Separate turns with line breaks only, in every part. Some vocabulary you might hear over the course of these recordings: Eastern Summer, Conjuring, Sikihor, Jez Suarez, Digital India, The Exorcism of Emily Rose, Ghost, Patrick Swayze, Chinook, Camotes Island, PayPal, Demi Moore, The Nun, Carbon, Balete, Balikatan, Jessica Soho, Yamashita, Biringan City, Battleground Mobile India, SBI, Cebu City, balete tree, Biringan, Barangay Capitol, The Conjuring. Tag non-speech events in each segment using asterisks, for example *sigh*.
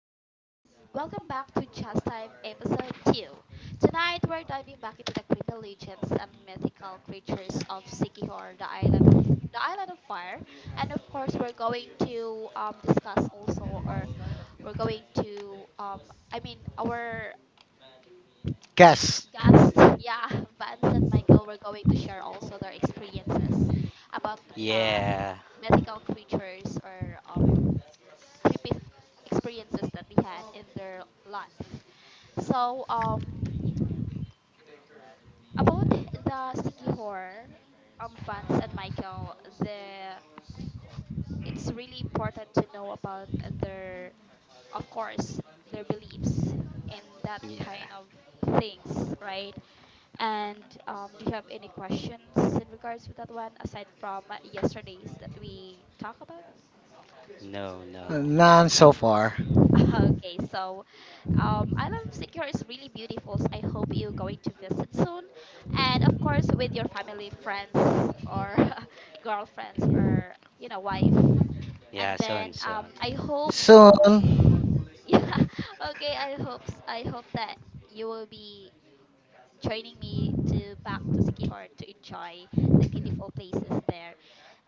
Welcome back to Just Time episode two. Tonight we're diving back into the creepy legends and mythical creatures of Sikihor, the island, the island of fire, and of course we're going to discuss also, or we're going to our
Guess.
guests, yeah, *laughs* Vance and Michael, were going to share also their experiences about
Yeah,
mythical creatures or creepy experiences that they had in their life. So about the sticky horror, Vance and Michael, the it's really important to know about their of course their beliefs in that kind
yeah.
of things, right? And do you have any questions in regards to that one aside from yesterday's that we talk about?
No, no.
None so far.
*laughs* Okay, so Island of Secure is really beautiful. So I hope you're going to visit soon, and of course with your family, friends, or *laughs* girlfriends, or you know wife. And
Yeah,
then
soon, soon.
I hope,
Soon.
*laughs* yeah, okay, I hope that you will be joining me to back to Sikihor to enjoy the beautiful places there.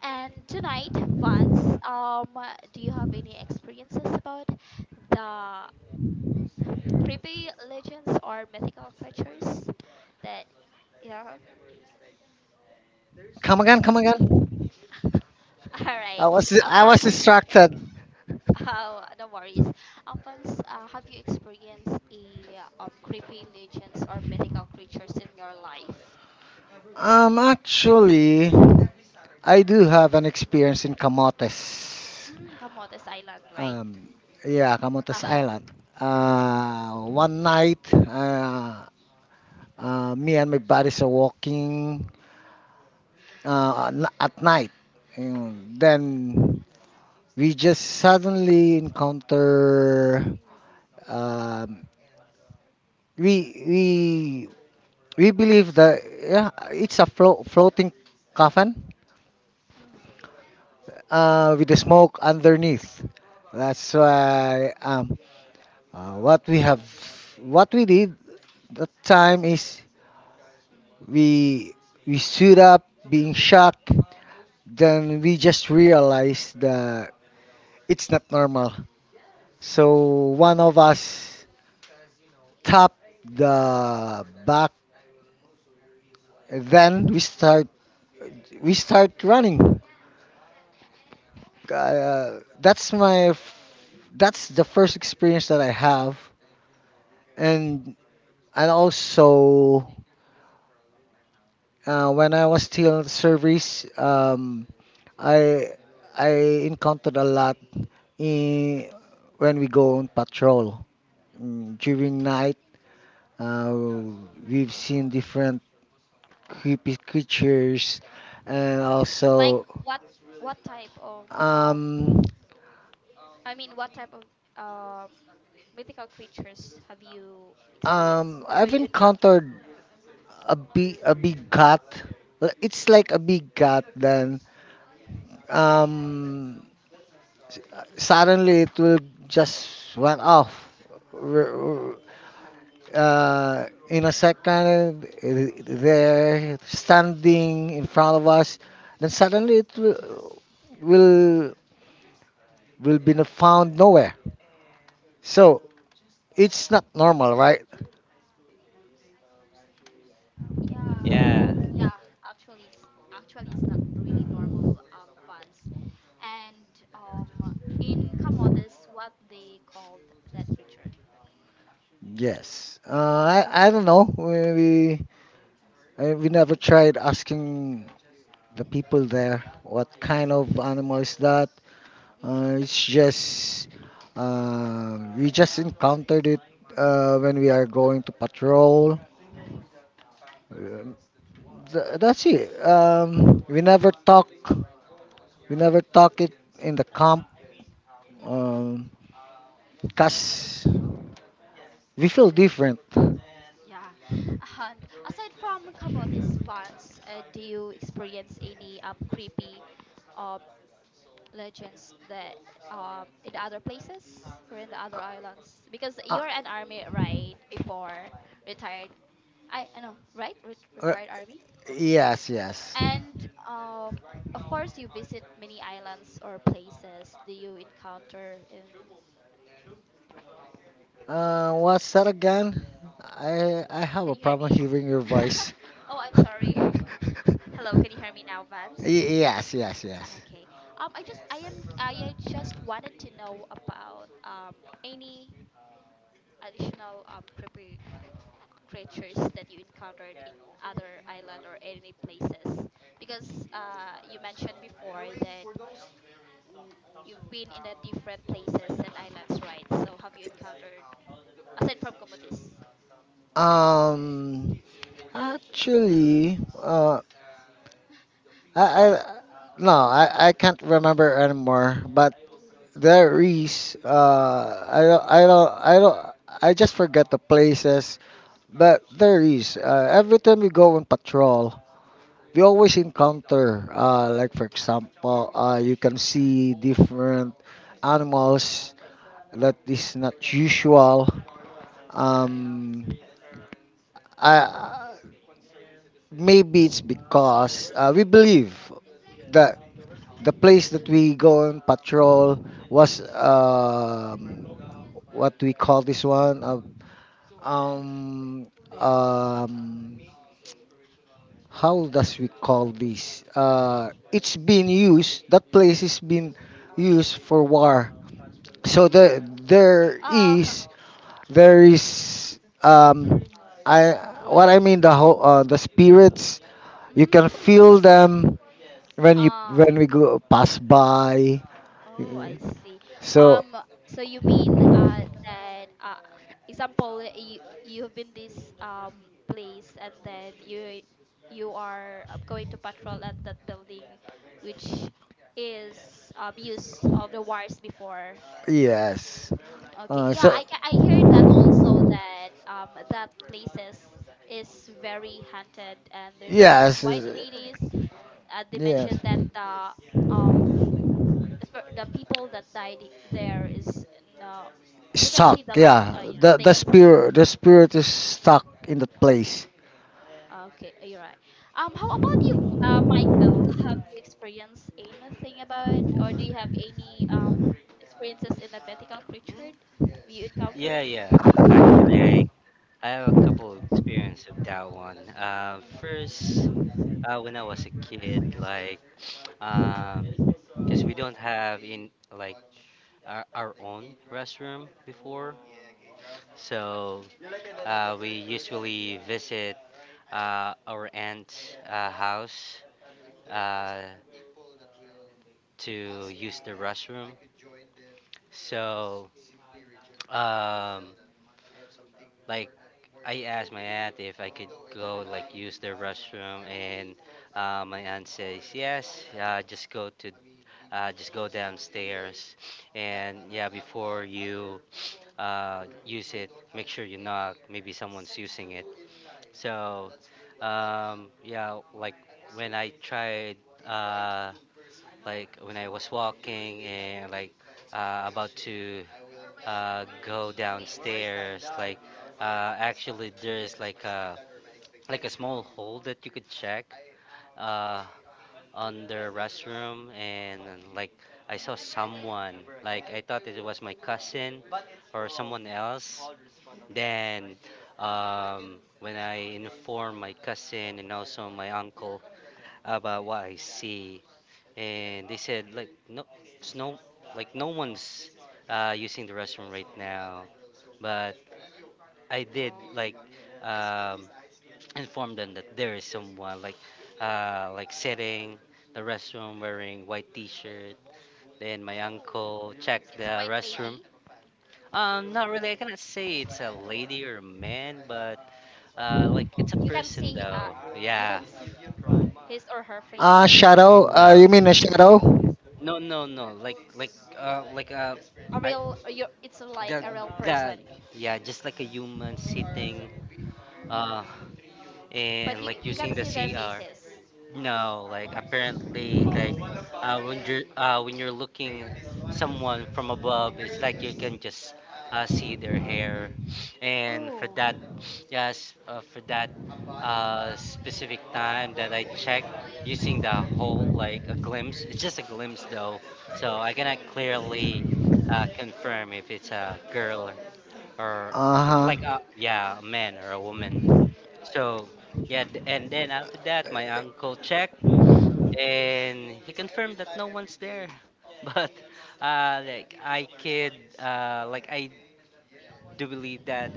And tonight, Vance, um, do you have any experiences about the creepy legends or mythical creatures that yeah
Come again, come again.
*laughs* all right
I was I was
Vams,
distracted.
*laughs* oh no worries Vams, have you experienced a creepy legends or mythical creatures in your life?
Actually I do have an experience in Camotes.
Mm, Camotes Island right.
Um yeah, Camotes Island.
Uh-huh.
One night me and my buddies are walking at night. And then we just suddenly encounter um, we we believe that yeah, it's a floating coffin with the smoke underneath. That's why what we have, what we did that time is we we stood up, being shocked. Then we just realized that it's not normal. So one of us tapped the back. Then we start running. That's my that's the first experience that I have, and also when I was still in the service, I I encountered a lot in when we go on patrol during night. Uh, we've
Mm-hmm.
seen different creepy creatures, and
Like
also.
what what type of
um
what type of um mythical creatures have you experienced or have
I've
you encountered?
encountered a big cut. It's like a big cut. Then um, suddenly it will just went off. R- in a second, they're standing in front of us. Then suddenly it will will be found nowhere. So it's not normal, right?
Yeah,
Yeah, actually, it's actually it's not really normal funds, and in Camotes, what they called that creature.
Yes. I don't know. We never tried asking the people there, what kind of animal is that?
Mm,
It's just we just encountered it when we are going to patrol. Um, that's it. We never talk. We never talk it in the camp. Um,
mm,
Cause we feel different.
yeah, and aside from Camotes Vans, do you experience any creepy um legends that in other places or in the other islands? Because you're an army, right? Before retired, I know, right?
Uh, Uh,
Retired army.
yes, yes.
And of course, you visit many islands or places. Do you encounter in?
What's that again? I have
Can
a
you hear
problem
me?
hearing your
*laughs*
voice.
Oh, I'm sorry.
*laughs*
*laughs* Hello, can you hear me now, Vance?
Yes, yes, yes.
Okay. I just wanted to know about any additional creepy creatures that you encountered in other island or any places because you mentioned before that you've been in a different places and islands, right? So have you encountered aside from Comotes?
Um, Actually, I no, I can't remember anymore. But there is I don't. I just forget the places, but there is every time we go on patrol, we always encounter like for example you can see different animals that is not usual. Um, I maybe it's because we believe that the place that we go on patrol was what we call this one um um how does we call this it's been used. That place is
Mm-hmm.
been used for war, so
Mm. Oh. *laughs*
there is I what I mean the whole the spirits you can
Mm.
feel them when you
Oh.
when we go pass by.
Oh, I see.
So,
Um. So you mean that example you have been this place and then you are going to patrol at that building, which is used of the wars before.
yes.
Mm, okay.
Uh,
Yeah,
so,
I heard that also that that places is very haunted and there's a lot of
yes.
white ladies. They
Yes.
mentioned that um the people that died there is no they can
Stuck,
see the light.
yeah.
Yeah,
The,
they
the,
can.
spirit, the spirit is stuck in that place.
Okay, you're right. How about you, Michael? Have you experienced anything about, or do you have any experiences in a mythical creature that you
yeah,
encountered?
yeah. Actually, I have a couple of experience of that one. First, when I was a kid, um, because we don't have in like our own restroom before, so we usually visit our aunt's house, uh, to use the restroom. So Um, like I asked my aunt if I could go like use the restroom, and my aunt says yes. Just go downstairs, and yeah, before you use it, make sure you knock. Maybe someone's using it. So, yeah, like when I tried. Uh, like when I was walking and about to go downstairs, actually there's like a small hole that you could check, uh, on the restroom, and like I saw someone, like I thought it was my cousin or someone else. Then when I informed my cousin and also my uncle about what I see, and they said like no, it's no, like no one's using the restroom right now. But I did um, *tsk* inform them that there is someone like sitting the restroom wearing white T-shirt. Then my
Oh.
uncle checked
It's a
the
white
restroom.
lady.
Not really. I cannot say it's a lady or a man, but like it's a
You can
person
see uh
though.
you
Yeah.
can see his or her face.
Shadow?
No,
You mean a shadow?
no, no, no. Like,
A
I,
real you it's like
the,
a real
the
person.
Yeah, just like a human sitting uh
Mm. But
and
you
like
you can
using the
see their
cr
faces.
no, like
Mm.
apparently, when you're looking someone from above, it's like you can just see their hair, and for
Oh.
that, yes. For that specific time that I checked using the whole, like a glimpse, it's just a glimpse though, so I cannot
Mm.
clearly confirm if it's a girl or
Uh
uh,
huh.
like a yeah a man or a woman. So yeah,
Mm.
and then after that my uncle checked and he confirmed that no one's there, *laughs* but I could, like I do believe that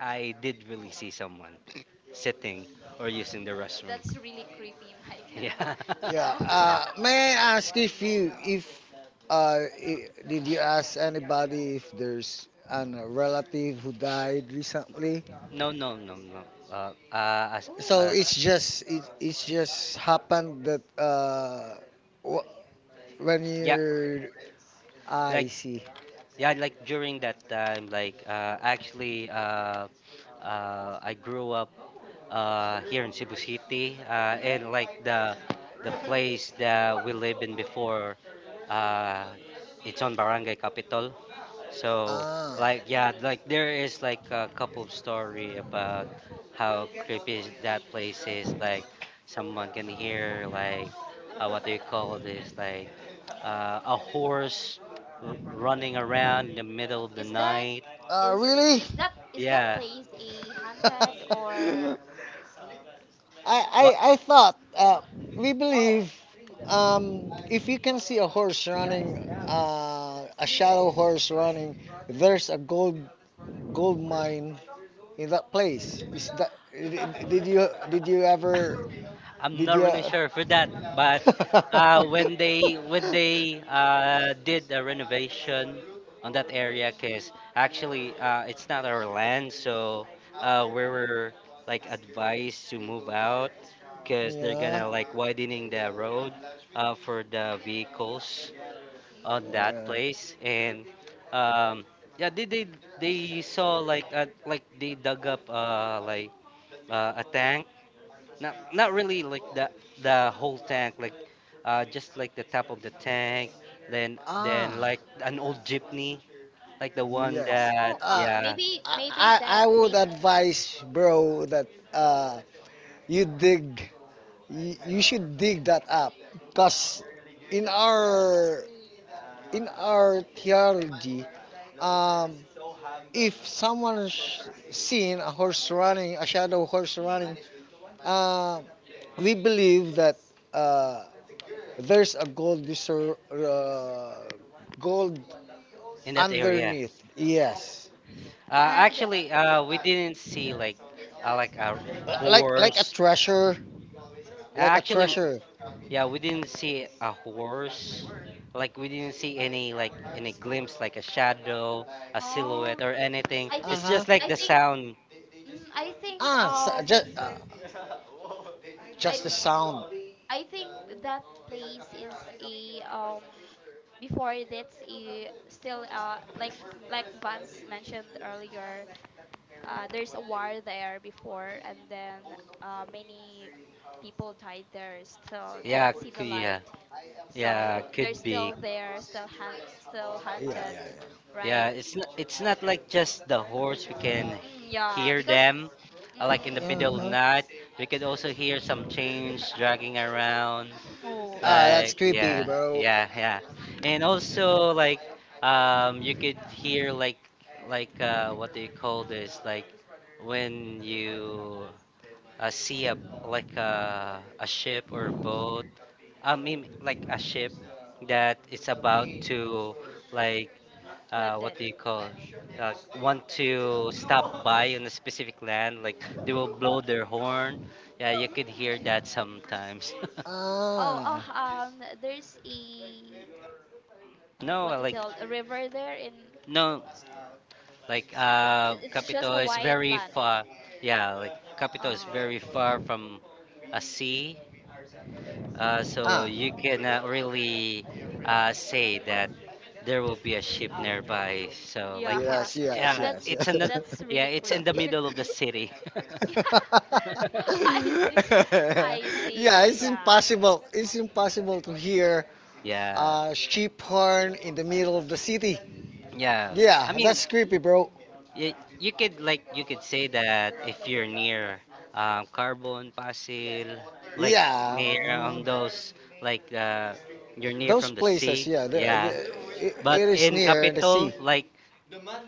I did really see someone *coughs* sitting
Mm.
or using the restroom.
That's really creepy, *laughs* Michael.
*laughs* Yeah.
You
Yeah.
know. *laughs*
May I ask if you if I did you ask anybody if there's an a relative who died recently?
no no no no as
Oh.
So
as
it's just it's just happened that wh- when
yeah
you. Ah, I
like
see.
Yeah, like during that time, I grew up here in Cebu City, and like the place that we live in before, uh, it's on Barangay Capitol. So,
Ah,
yeah, like there is like a couple story about how creepy is that place is. Like, someone can hear like, what do you
yeah.
call this? Like, a horse
Mm.
running
Mm.
around in the middle of the
Is that
night.
Uh
is
really?
is that is that
Yeah.
place a haunted
*laughs*
or
I,
What?
I thought we believe if you can see a horse running, a shadow horse running, there's a gold mine in that place. Is that. Did you ever.
I'm
Did
not really
you?
sure for that, but
*laughs*
when they when they did a renovation on that area, cause actually it's not our land, so we were like advised to move out, cause they're
Yeah.
gonna like widening the road, for the vehicles on that
Yeah.
place, and um, yeah, they they saw like they dug up, a tank. Not not really like the whole tank, like just like the top of the tank, then
Ah,
like an old jeepney, like the one
yes.
that,
oh
Uh,
yeah,
maybe maybe
I
that
would
place also
advise, bro, that uh, you dig. You should dig that up, because in our in our theology, um, if someone's seen a horse running, a shadow horse running, uh, we believe that uh, there's a gold
in that area.
underneath. Yes.
and
Actually, we didn't see like a
Like a
horse
treasure, like a
actually.
treasure.
Yeah, we didn't see a horse, like we didn't see any like any glimpse, like a shadow, a silhouette
Oh,
or anything.
I
It's
think
Uh-huh.
just like
I
the
think
sound.
mm, I think
ah just, uh, just
I
the sound.
I think that place is a before that's a still like Vance mentioned earlier there's a war there before and then many people died there still
yeah
cannot see the
yeah,
light
yeah,
so they're
could be.
still there still
Yeah,
haunted
yeah, yeah.
Yeah,
right
it's not like just the horse. We can
mm, yeah
hear
because
them, like in the
Yeah,
middle of
mm-hmm.
the
huh?
night. We could also hear some chains dragging around.
Oh I
Ah, that's
Like,
see
creepy,
yeah,
bro.
yeah, yeah, and also like you could hear like, what do you call this? Like, when you see a like a ship or a boat. I mean like a ship that is about to like what
landed
do you call, uh, want to stop by on a specific land, like they will blow their horn.
Mm.
Yeah, you could hear that
Mm.
sometimes.
Oh,
Ah.
oh, there's a
*laughs* no,
what do
like
you call a river there in.
no, like
It's
Capito
just a
is
wide
very
land.
far. Yeah, like Capito is
Uh,
very far from a sea, so
Ah.
you cannot really say that
mm.
there will be a ship nearby. So like
Yeah,
Yes,
it's,
yes,
*laughs*
yeah,
yes.
that's
Yeah.
it's in the
that's
yeah,
really
it's in the
creepy.
middle
*laughs*
of the city.
Yeah, *laughs*
*laughs*
I see, I
*laughs* Yeah,
see.
it's
Yeah,
impossible. It's impossible to hear
Mm.
Yeah.
a sheep horn in the middle of the city.
Yeah. I
Yeah,
mean,
that's creepy, bro.
you, you could like you could say that if you're near Carbon, Pasil, like
Yeah,
near on
mm,
those, like you're near
those
from the
places.
sea.
Yeah,
Yeah. But
it is
in
near the
Capitol,
sea.
like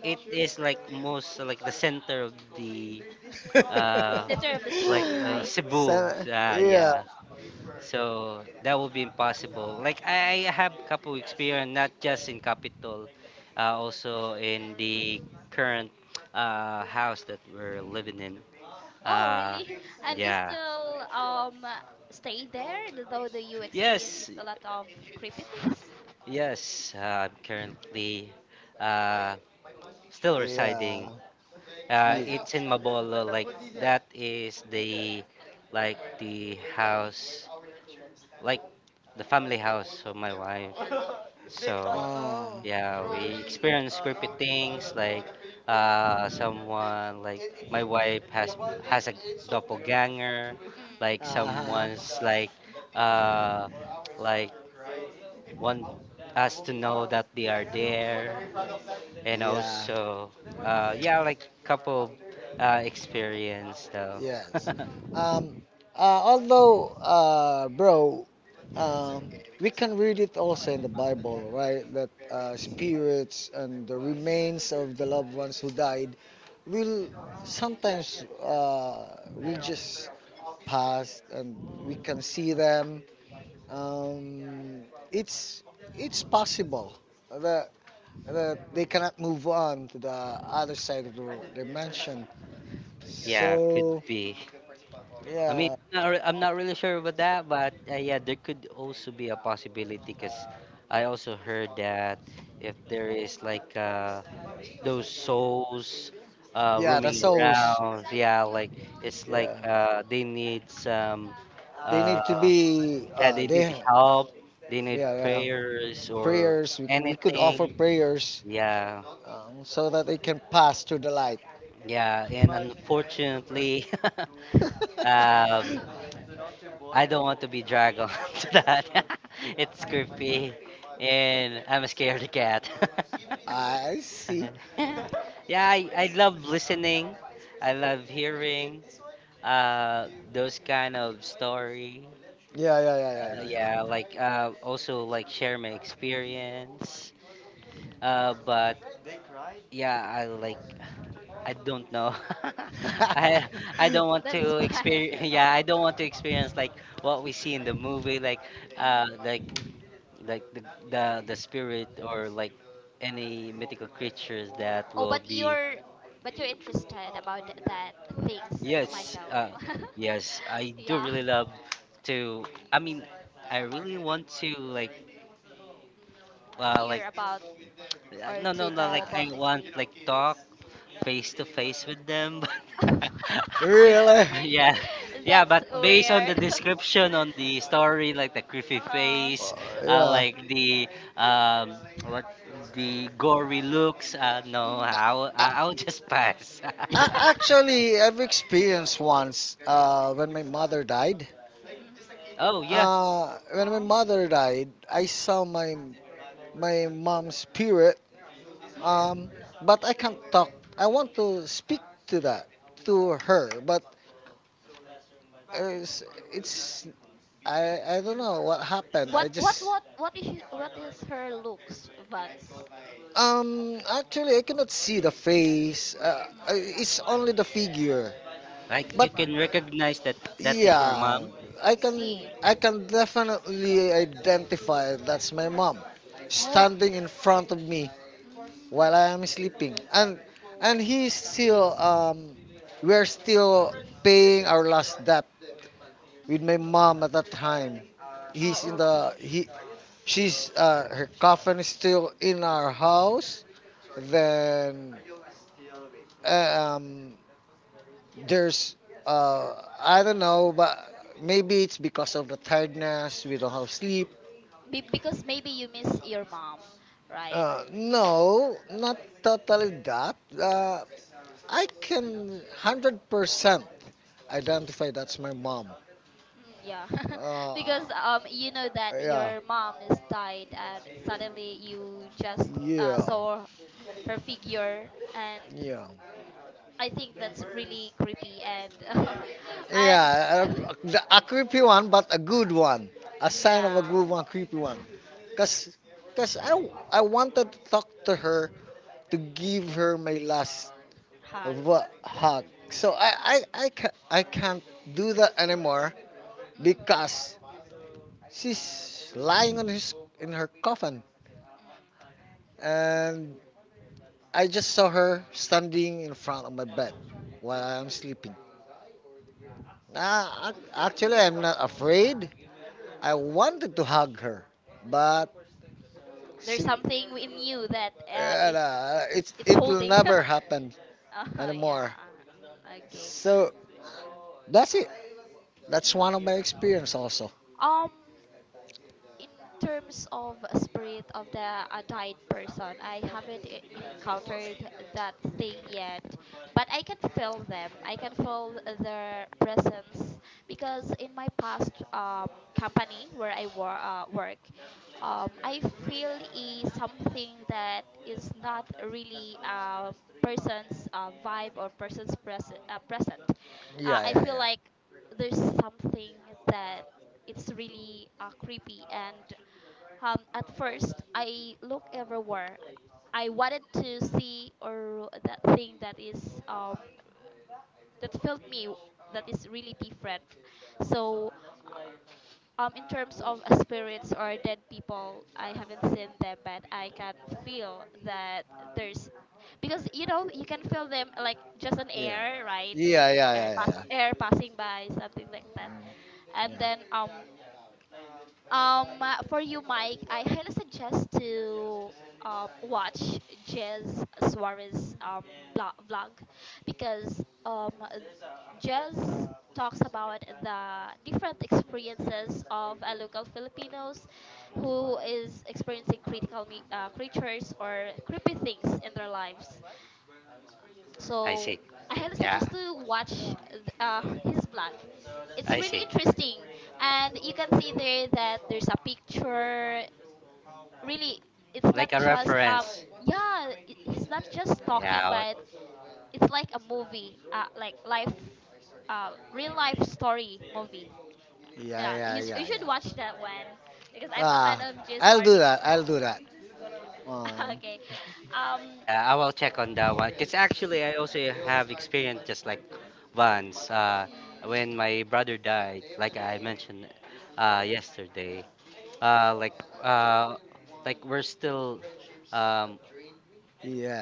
it is like most like the center of the uh
Center of the city, right?
*laughs*
Cebu.
Seven. Yeah.
Yeah. So that would be impossible. Like I have
Mm.
couple experience not just in Capitol, also in the current house that we're living in.
Oh,
Uh,
really? *laughs* And you
yeah.
still stay there, though that you
Yes.
experiences a lot of creepy things.
Yes. I'm currently uh, still
Yeah.
residing.
Yeah.
It's in Mabolo. Like that is the like the house, like the family house of my wife. So
Uh,
Oh.
yeah, we experience creepy things, like someone, like my wife has a doppelganger, like
Mm.
uh-huh.
someone's uh, like want us to know that they are there,
Mm.
and
Yeah.
also, yeah, like couple experience though. *laughs*
Yes. Um, Although, bro, um, we can read it also in the Bible, right? That spirits and the remains of the loved ones who died will sometimes will just pass, and we can see them. um, it's possible that they cannot move on to the other side of the dimension.
Yeah, could
So
be. I mean,
yeah,
I'm not, I'm not really sure about that, but yeah, there could also be a possibility because I also heard that if there is like those souls
yeah, the
roaming
souls,
around, yeah, like it's like
yeah,
they need some,
they need to
uh,
be
yeah, they need
they
help, they need
yeah, yeah,
prayers or
prayers. We could offer
anything,
prayers
yeah.
so that they can pass through the light.
Yeah, and unfortunately, *laughs*
*laughs*
um, I don't want to be dragged on *laughs* to that. *laughs* It's creepy, and I'm a scared cat.
I see.
*laughs* Yeah, I love listening. I love hearing those kind of story.
Yeah, yeah, yeah,
Yeah, like also like share my experience. But yeah, I I don't know.
yeah,
*laughs*
yeah,
I I
yeah.
don't want
That's
to
fine.
experience. *laughs* Yeah, I don't want to experience like what we see in the movie, like
*laughs*
uh, like
Hmm.
like the spirit or like any mythical creatures that
Oh,
will be.
but you're interested about that things,
Yes,
Michael. *laughs*
yes, I do
Yeah.
really love to. I mean, I really want to like
Hmm,
uh,
hear
like
about or
no
*laughs*
no
to
no,
know
like
Yeah.
I
about the
want
experience.
like talk face to face with them. *laughs*
*laughs*
Really?
But *laughs* yeah,
Really?
yeah.
That's
But based on the
weird. *laughs*
description on the story, like the creepy
Uh,
Uh,
face,
yeah.
like the um, what the gory looks. No,
I, I,
mm.
I'll just pass.
I
*laughs*
*laughs*
Actually, I've experienced once when my mother died.
Oh yeah,
When my
Oh.
mother died, I saw my mom's spirit. Um,
Mm.
but I can't talk. I want to speak to that to her, but it's, it's. I don't know what happened. I
What what
just.
what what is she- what is her looks, Vance?
Actually, I cannot see the face. It's
Mm.
only the figure.
like you
But
Mm.
can recognize that that is your
yeah,
mom.
I see.
I can definitely identify that's my mom
Oh.
standing in front of me
Mm.
while I am sleeping. And he's still we're still paying our last debt with my mom
Mm.
at that time. He's
Oh,
in
okay.
the he She's her coffin is still in our house. Then uh, um there's, I don't know, but maybe it's because of the tiredness. We don't have sleep.
Because maybe you miss your mom, right?
No, not totally that. I can 100% identify that's my mom.
Mm, yeah, *laughs*
Uh,
because you know that your
*laughs*
mom is died, and suddenly you just
yeah.
saw her figure, and
Yeah.
I think that's really creepy and *laughs* and
Yeah,
*laughs*
a creepy one, but a good one. A
mm,
sign of a
yeah,
good one, creepy one. Cause, Cause I wanted to talk to her to
mm,
give her my last
hug.
hug. So I can't do that anymore,
Mm, mhm,
because she's lying on his in her coffin,
mm,
and I just saw her standing in front of my bed
mm,
while I'm
mm,
sleeping. Actually, I'm not afraid. I
mm.
wanted to hug her, but
There's
she,
something in you that it
it's.
it's
It will
holding.
never
*laughs*
happen
Oh *laughs*
anymore.
yeah. Uh, mm, okay.
So that's it. That's one of my
Mm.
experience also.
Um, in terms of spirit of the died person, I haven't e- encountered that thing yet, but I can feel them. I can feel their presence because in my past company where work, I feel is something that is not really a person's vibe or present.
Yeah,
I feel
yeah,
like there's something that it's really creepy and at first I look everywhere I wanted to see or that thing that is that felt me that is really different, so in terms of spirits or dead people I haven't seen them but I can feel that there's because you know you can feel them like just an air
yeah, yeah,
right.
yeah, yeah, yeah.
Air
Yeah.
passing by something like that. And then for you, Mike, I highly suggest to watch Jez Suarez vlog because Jez talks about the different experiences of a local Filipinos who is experiencing creatures or creepy things in their lives.
I
So
see.
I highly
Yeah,
suggest to watch his blog. It's
I
really
see.
interesting, and you can see there that there's a picture. Really, it's not
Like a
just
reference.
yeah, he's not just talking,
Yeah,
but it's like a movie, like life, real life story movie.
Yeah,
Yeah,
yeah, yeah,
you should watch that one because
yeah.
I'm a
Ah,
fan of
I'll
Jiswar.
do that. I'll do that.
*laughs*
Um,
Okay, um,
yeah, I will
*laughs*
check on that one. Because actually, I also have experience just like once,
mm,
when my brother died, like I mentioned yesterday. Uh, like uh, like we're still um,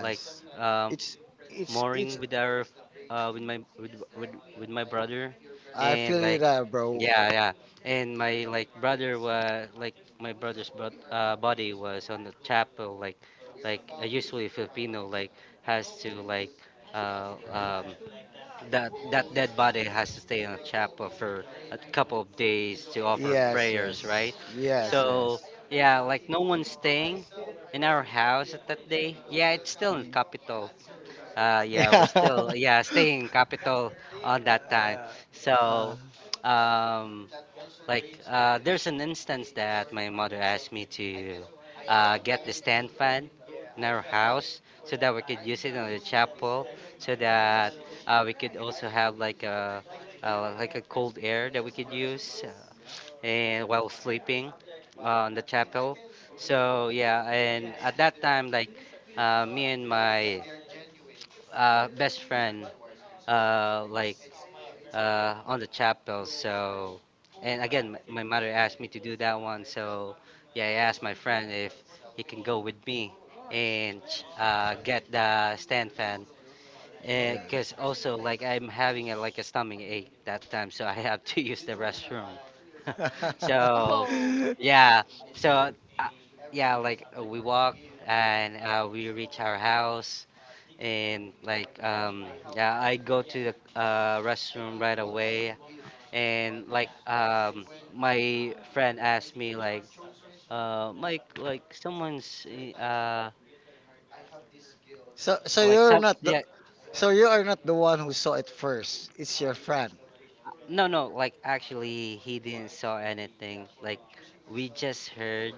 like um,
it's it's.
mooring with our, uh, with my with, with with my brother,
I feel
and
it,
like,
there, bro.
yeah, yeah, and my like brother was like my brother's bro-
mm,
body was on the chapel, like usually
mm,
Filipino like has to like uh, um, that that dead body has to stay in a chapel for a couple of days to offer
Yes,
mm, mm.
prayers, right,
yes, yes,
so
yes.
Yes.
yeah, like no one's staying in our house at that day. Yeah, it's still in
Mm. *laughs*
capital, yeah, we're
Yeah.
still yeah staying capital on that time.
Uh,
So, um, like there's an instance that my mother asked me to get the stand fan in our house so that we could use it in the chapel, so that we could also have like a cold air that we could use and while sleeping on the chapel. So yeah, and at that time like me and my best friend uh, like on the chapel. So, and again, my mother asked me to do that one. So, yeah, I asked my friend if he can go with me and get the stand fan. Because also, like, I'm having a, like a stomach ache that time, so I have to *laughs* use the restroom. *laughs* So,
Oh,
yeah.
yeah,
*laughs*
so uh, yeah, like we walk and we reach our house and yeah, I go to the restroom right away, and my friend asked me like, mike like someone's uh
So
like
you're
some
not the.
yeah
So you are not the one who saw it first. It's your friend.
no, no, like actually he didn't saw anything, like we just heard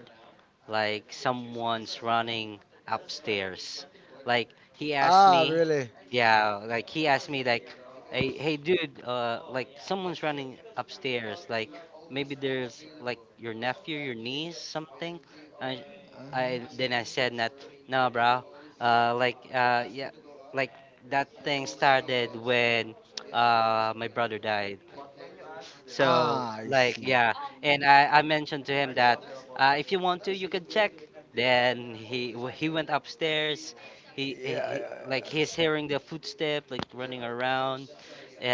like someone's running upstairs. Like he asked
Ah,
me,
really?
yeah, like he asked me like, hey, hey dude, like someone's running upstairs. Like maybe there's like your nephew, your niece, something. I, I
Uh-huh.
then I said that no, bro. Yeah, like that thing started when *tsk* my brother died. So
Ah, I
like
see.
yeah,
um,
and I mentioned to him that if you want to, you can check. Then he went upstairs. He,
Yeah,
he, he like he's
yeah,
hearing the footstep like running around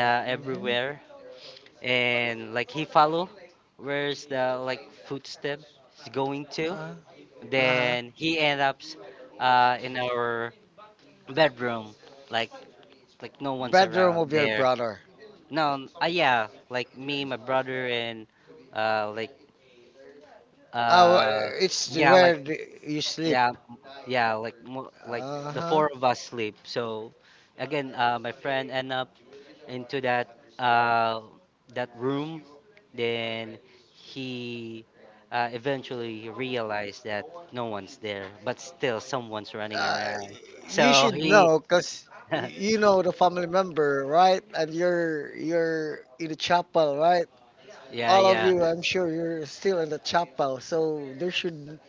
yeah. Mm-hmm.
everywhere, and like he follow where's the like footstep is going to.
Uh, uh-huh.
Then he end up in our bedroom, like like no one's
Bedroom
around
of your
there.
brother.
No, yeah, like me, my brother, and uh, like Uh,
It's
yeah,
where the. You sleep.
yeah, m- like the
Uh-huh.
four of us sleep. So again, my friend end up into that room. Then he eventually realized that no one's there, but still someone's running
Uh,
around.
you
So
should
he,
know because
*laughs*
you know the family member, right? And you're in the chapel, right?
yeah,
All of
yeah,
you, I'm sure you're still in the chapel, so there should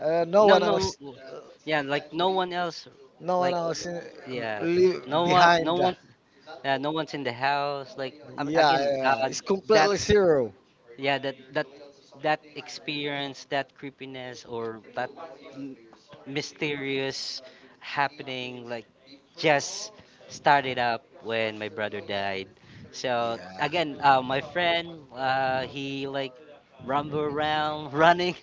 no
no,
one
no,
else, uh,
yeah, like no one else,
no one
like
else in,
yeah,
leave
no one, no
behind.
one. No one's in the house. Like
Yeah,
again,
yeah, yeah. It's
that
completely zero.
that that experience, that creepiness, or that m- mysterious happening like just started up when my brother died. So
Yeah.
again, my friend, he like rumble around *laughs* running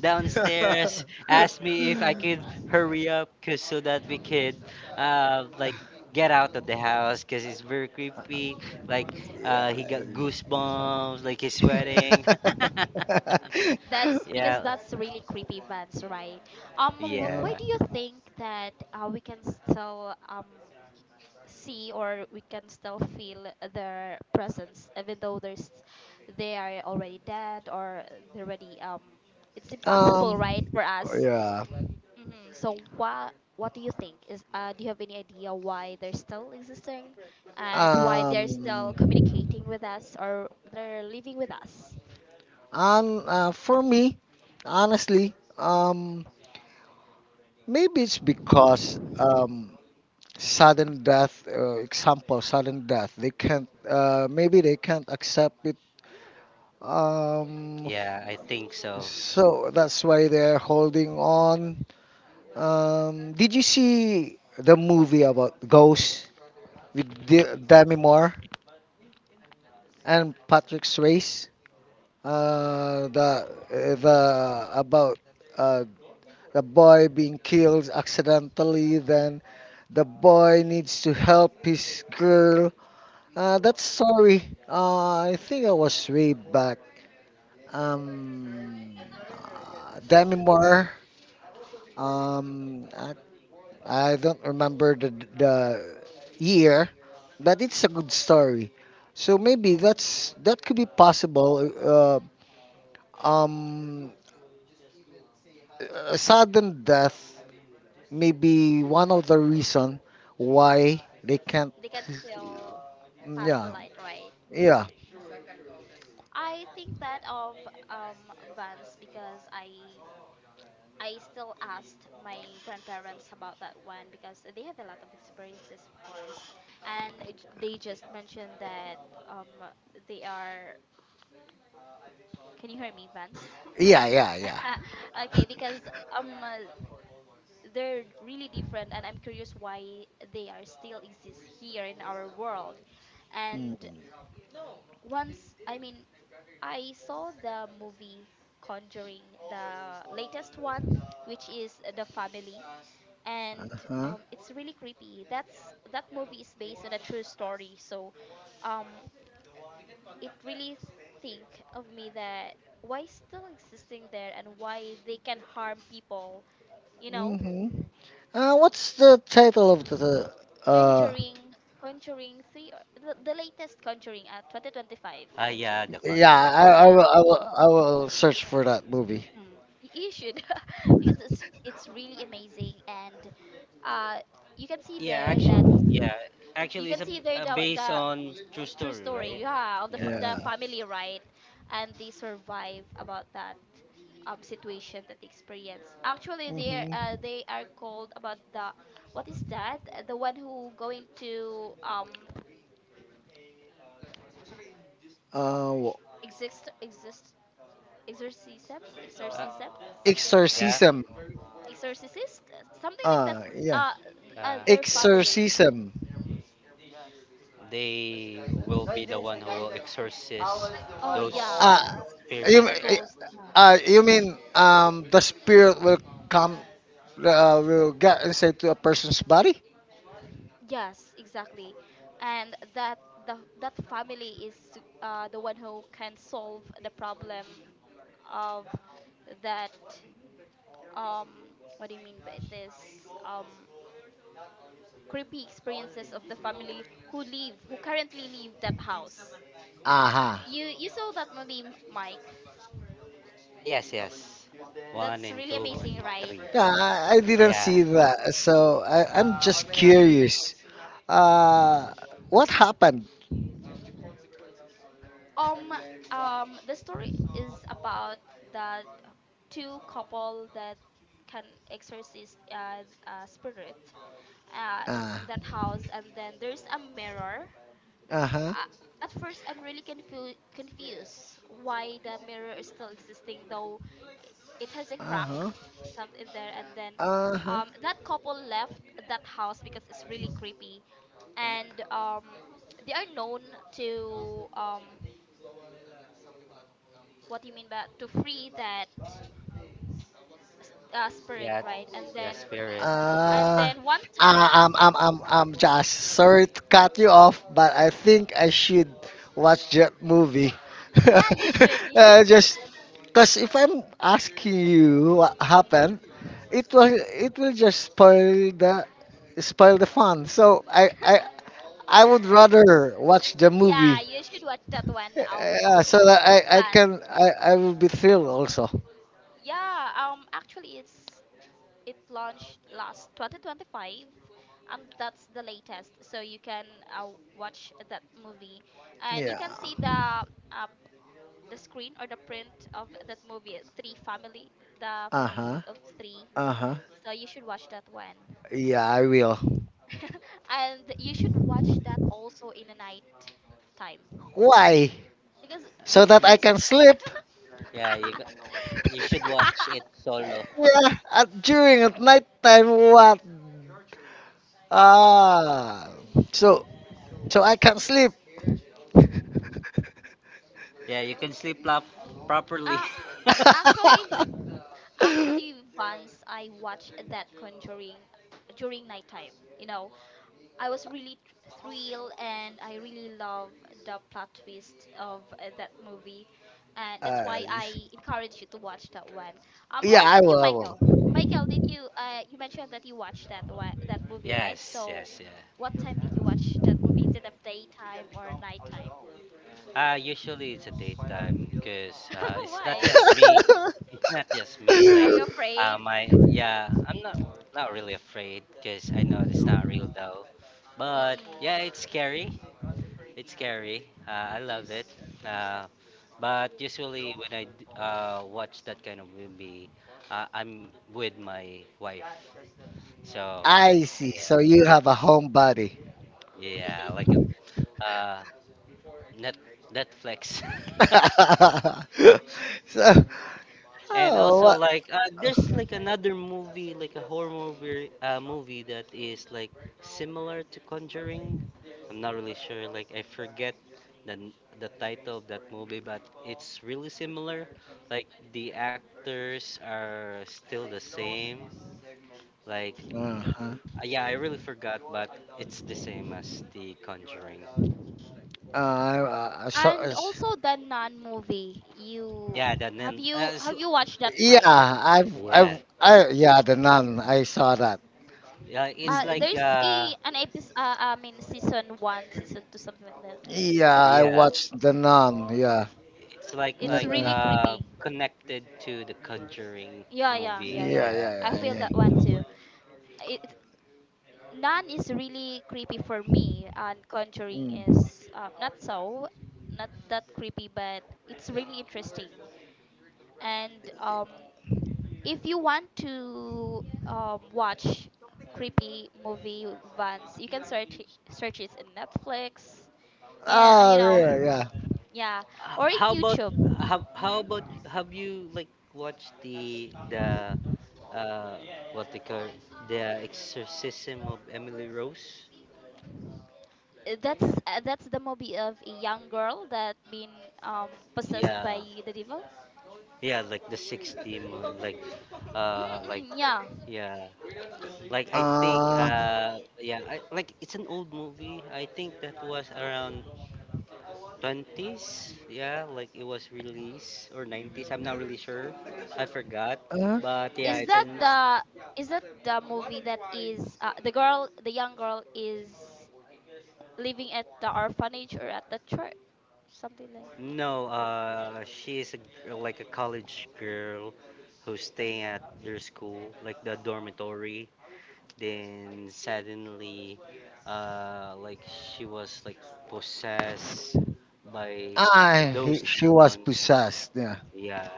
downstairs,
*laughs*
asked me if I could hurry up, cause so that we could uh, like get out of the house because it's very creepy. Like
Yeah.
he got goosebumps, like he's sweating. *laughs*
*laughs*
that's because
Yeah,
that's really creepy, Vance, right? Why
yeah,
do you think that we can still
Yeah.
see or we can still feel their presence even though there's they are already dead or they're already it's impossible,
Um,
right, for us.
yeah.
Hmm. So what do you think? Is do you have any idea why they're still existing and why they're still
Um,
communicating with us or they're living with us?
and For me, honestly, maybe it's because sudden death, example, sudden death. They can't. Maybe they can't accept it. Um,
yeah. I
f-
think so.
so that's why they're holding on. Did you see the movie about Ghost with Demi Moore and Patrick Swayze? Uh, the the About uh, the boy being killed accidentally. Then the boy needs to help his girl. That story. I think I was way back. Um, Demi Moore. Um, I, I don't remember the year, but it's a good story. So maybe
Um,
that's that could be possible. Um, Sudden death may be one of the reason why they can't.
they can still pass the
Yeah,
light, right?
yeah,
Mhm. I think that of Vans because I still asked my grandparents about that one because they have a lot of experiences, of course, and they just mentioned that um they are. Can you hear me, Vans?
yeah, yeah, yeah.
*laughs* Okay, because um uh, they're really different, and I'm curious why they are still exist here in our world, and
Mm.
once I mean I saw the movie Conjuring, the latest one, which is The Family, and
Uh-huh.
it's really creepy. That's that movie is based on a true story, so um, it really think of me that why still existing there and why they can harm people. You know,
Hmm. What's the title of the? Uh,
Conjuring, Conjuring three, the latest Conjuring, 2025
Ah, yeah,
Conjuring.
The
yeah,
Conjuring.
Yeah,
I will search for that movie.
You should *laughs* because it's really amazing and uh you can see
Yeah,
there
actually,
that
yeah,
you
actually,
can
it's a,
see there
a based
the
on true
true
story,
story
right?
yeah of
Yeah,
the
Yeah.
family right and they survive about that situation that they experience actually
Hmm.
they are called about the what is that. The one who going to
Uh, w-
exist exist exorcism exorcism
uh,
something like that
yeah.
Exorcism.
exorcist something like that
Yeah.
uh,
Uh,
their family.
Exorcism.
they will be the one who will exorcist
Oh
those
yeah,
Uh, you
spirit.
the ghost. Yeah.
you mean the spirit will come will get inside to a person's body?
Yes, exactly. And that the that family is the one who can solve the problem of that um what do you mean by this creepy experiences of the family who live who currently live that house.
Aha.
You saw that movie Mike?
Ah, yes, yes. One
That's
and
really
two
amazing,
and
right?
three.
Yeah, I didn't
Yeah,
see that. So I'm just curious. Uh, what happened?
Um, the story is about that two couple that can exorcist spirit uh
Ah.
in that house, and then there's a mirror.
Uh huh.
Uh, at first, I'm really confused why the mirror is still existing, though i- it has a
Uh
crack
huh.
some in there, and then.
Uh huh.
That couple left that house because it's really creepy, and they are known to what do you mean by to free that spirit,
yeah.
right? And
The
then
spirit. Yeah.
and
Uh,
then one
I'm,
time.
I'm, I'm, I'm just sorry to cut you off, but I think I should watch that
*laughs* Yeah,
movie. *laughs*
yeah, you should, you should.
Just because if I'm asking you what happened,
Mm,
it will just spoil the fun. So I would rather watch the
yeah,
movie.
you should watch that one,
Yeah, so that
Van.
I will be thrilled also.
Yeah, actually, it launched last 2025. That's the latest, so you can uh, watch that movie, and you
Yeah.
can see the uh, the screen or the print of that movie, Three Family, the
Uh
family
huh.
of three.
Uh huh.
So you should watch that one.
Yeah, I will.
*laughs* And you should watch that also in the night time
Why?
because
So that I
it's
Y-
can
int-
sleep.
you you should
*laughs*
watch it
*laughs*
solo. *laughs*
Yeah. At, during at night time, what? Ah. So I can sleep.
Yeah, you can sleep lap properly.
uh, actually actually, once I watched that Conjuring
*laughs*
during nighttime. You know, I was really thrilled and I really love the plot twist of that movie. And that's why I encourage you to watch that one. Um,
Yeah,
how
I
about you,
will. I
Michael?
will.
Michael, did you you mentioned that you watched that one, that
*laughs*
movie, right?
Yes,
So
yes, yeah.
what time did you watch that movie? Is it a daytime or nighttime?
Usually it's a daytime because
*laughs*
it's not
Why?
just me. It's not just me.
Are
Like,
you afraid?
my yeah, I'm not really afraid because I know it's not real though. But yeah, it's
Mm-mm.
scary. It's scary. I love it. Uh, but usually when I watch that kind of movie, I'm with my wife.
*laughs*
So
I see.
yeah,
So you have a home buddy.
yeah, like
Mm-hmm.
uh, net Netflix. *laughs*
*laughs* so,
And
oh,
also
what?
like there's like another movie, like a horror movie, movie that is like similar to Conjuring. I'm not really sure. Like I forget the n- the title of that movie, but it's really similar. Like the actors are still the same. Like
Uh-huh.
yeah, I really forgot, but it's the same as the Conjuring.
Uh, I- uh,
*laughs*
so,
And
uh,
also the non movie. You
Yeah, the
have
name.
you have you watched that, Mike?
yeah,
Yeah,
yeah, the nun. I saw that.
yeah. It's
Uh,
like
there's a an episode. I mean, season one, season two, something like that.
Yeah, I
yeah.
watched the nun. Yeah,
It's like
no,
It's
like
no.
really
uh
creepy.
connected to the Conjuring
Yeah, yeah,
movie.
yeah, yeah.
Yeah,
Yeah,
I
yeah,
feel that
yeah,
one too. It none is really creepy for me,
yeah.
and Conjuring
Mm.
is not so, not that creepy, but it's really interesting. And if you want to watch creepy movie, Vans, you can search it in Netflix. Yeah, and
Oh, yeah,
yeah.
yeah.
yeah, or in
How about
YouTube.
how
Hmm.
about have you like watched the uh what they call the Exorcism of Emily Rose?
That's the movie of a young girl that been possessed by
Yeah,
the devil.
yeah, like the sixth demon, like
Mm-mm, yeah.
yeah, like I think
Uh,
yeah, like it's an old movie. I think that was around 20s, yeah, like it was released or 90s, I'm not
Mhm.
really sure, I forgot,
uh,
but yeah,
is
it's
that
an.
the is that the movie that is the girl the young girl is living at the orphanage or at the church, something like?
No, she is gir- like a college girl who's staying at
Mm,
their school like the dormitory. Then suddenly she was like possessed by
ah,
those
she was
demons,
possessed. Yeah.
yeah,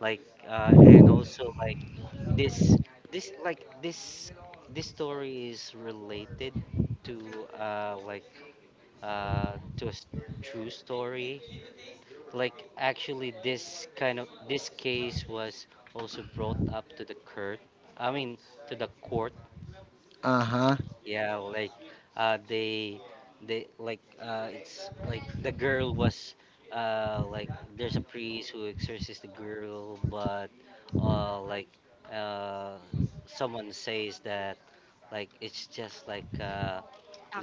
like and also like this this like this this story is related to to a true story. Like actually this case was also brought up to the court, I mean to the court.
Uh huh.
Yeah, like uh, they they like it's like the girl was like there's a priest who exorcises the girl, but uh, like uh, someone says that like it's just like uh,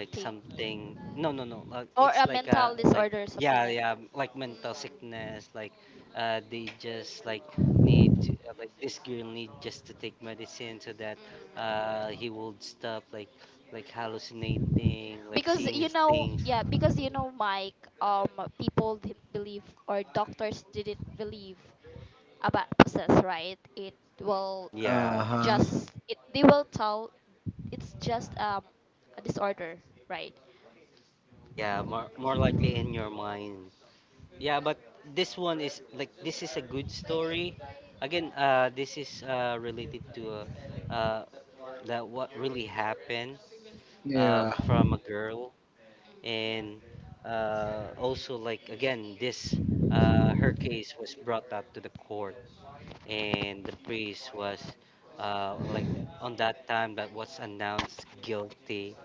like something. No, like
or
it's
a
like a
mental
like
disorder, something
yeah,
like.
yeah, like mental
Mm, mm.
sickness. Like they just like need to like this girl need just to take medicine so that
Mm,
he will stop like hallucinating, like
because
seeing
you know,
things.
yeah, because you know Mike, um people didn't believe, or doctors didn't believe about process, right? it will
Uh
Yeah,
huh.
just it they will tell, it's just a disorder, right?
yeah, more more likely in your mind. Yeah, but this one is like this is a good story. Again, this is related to uh, uh that what really happened
Yeah.
Mm-hmm.
from a girl, and also like again this her case was brought up to the court, and the priest was uh, like on that time that was announced guilty,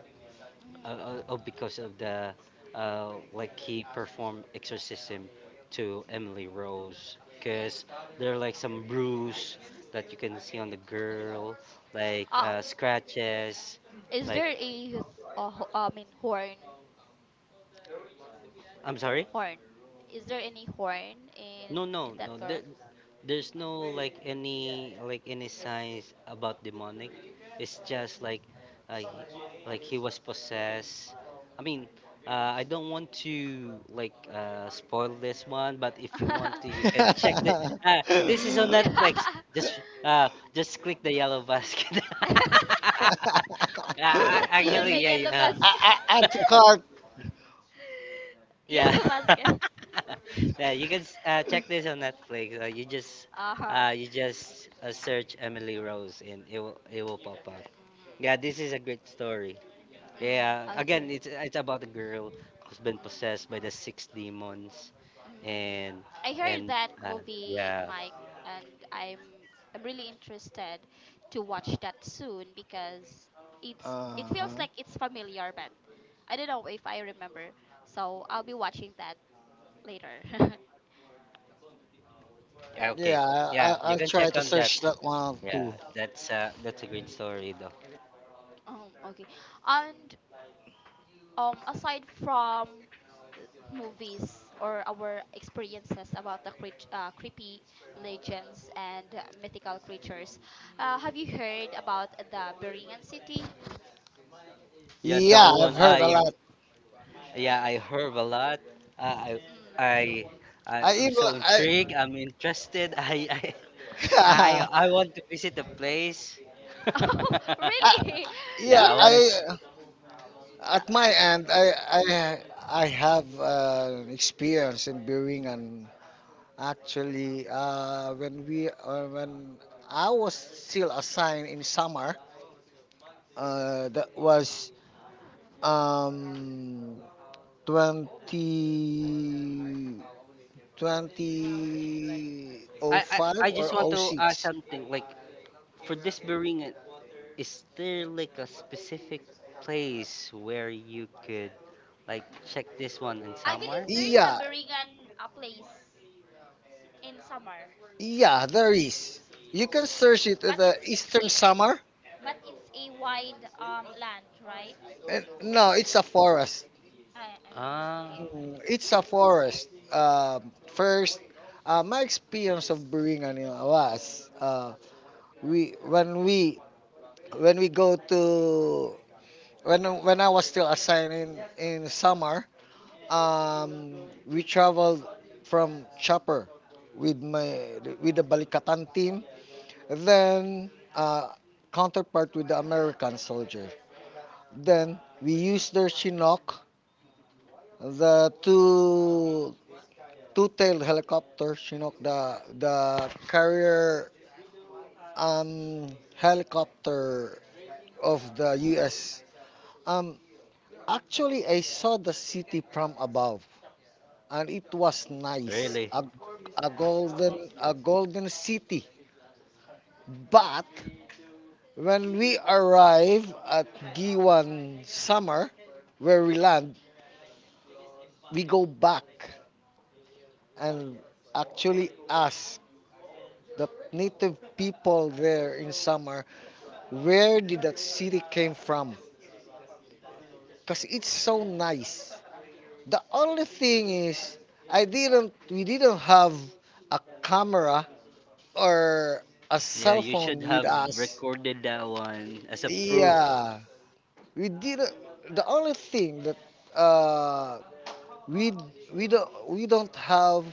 Mm-hmm.
because of the like he performed exorcism to Emily Rose because there are like some bruise that you can see on the girl, like
um
scratches
is
like.
there a, horn?
I'm sorry.
Horn, is there any horn in
No, no,
that
no. There,
girl?
there's no like any like any signs about demonic. It's just like, uh, he- like he was possessed. I mean, I don't want to like spoil this one, but if you want to,
*laughs*
you can check this.
*laughs*
*laughs* This is on Netflix.
Yeah.
Uh, just click the yellow basket.
*laughs*
*laughs*
What do you mean
Actually,
by
yeah,
yellow
yeah.
mask?
I the card.
Yes,
Yeah.
*laughs* basket.
*laughs* Yeah, you can check this on Netflix. You just
Uh-huh.
search Emily Rose and it will pop up. Yeah,
Mm-hmm.
this is a great story.
Mm,
Yeah, again,
okay.
it's about a girl who's been possessed by
Mm.
the six demons,
Mm.
and
I heard
and
that
uh,
movie,
yeah,
Mike, and I'm I'm really interested to watch that soon because it
Uh
feels
huh.
like it's familiar, but I don't know if I remember. So I'll be watching that later. *laughs*
yeah, okay,
Yeah,
yeah, you
I'll
can
try
check
to
on that.
search that one too.
Yeah, that's a great story though.
Okay. And aside from movies or our experiences about the creepy legends and mythical creatures, have you heard about the Berean city?
Yeah, that
Yeah, I've
one. Ah,
heard a
yeah,
lot.
yeah, I
Mm,
heard a lot. Uh, I,
mm.
I,
I
I'm
even
so
I.
intrigued. I'm interested. *laughs* I
*laughs*
want to visit the place.
*laughs*
*laughs*
Oh,
I
really?
yeah,
Yeah, I
You
want to.
I At my end, I have experience in brewing. And actually when I was still assigned in summer, that was um 20 2005
I
or
just want
oh
to ask
06.
something. Like for this Bering, is there like a specific place where you could like check this one in
I believe
somewhere?
there's a
Yeah,
Berean place in summer,
yeah, there is. You can search it
but
at the
it's it's
Eastern
it's a
Summer.
but it's a wide land, right?
And no, it's a forest.
I'm okay.
Ah,
Why
Mm,
it's a
it's a
forest?
forest. First, my experience of brewing ano was we when we when we go to when I was still assigned in summer, um, we traveled from Chopper with my with the Balikatan team, then counterpart with the American soldier. Then we used their Chinook the two. Two-tailed helicopters, you know, the carrier um, helicopter of the U.S. Um, Actually, I saw the city from above, and it was nice,
really?
a golden city. But when we arrive at Giwan Summer, where we land, we go back and actually ask the native people there in summer, where did that city came from? Cause it's so nice. The only thing is, I didn't. We didn't have a camera or a
Yeah,
cell
you should
phone with
have
us.
recorded that one as a proof.
Yeah, we didn't. The only thing that uh, we we don't have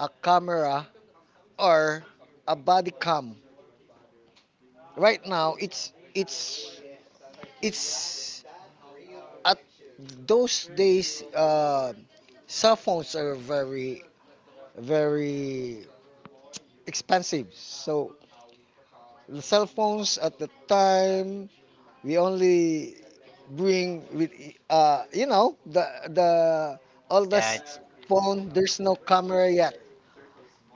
a camera or a body cam. Right now, it's at those days cell phones are very expensive. So the cell phones at the time we only bring with, you know, the
Yeah,
oldest
it's.
phone. There's no camera yet.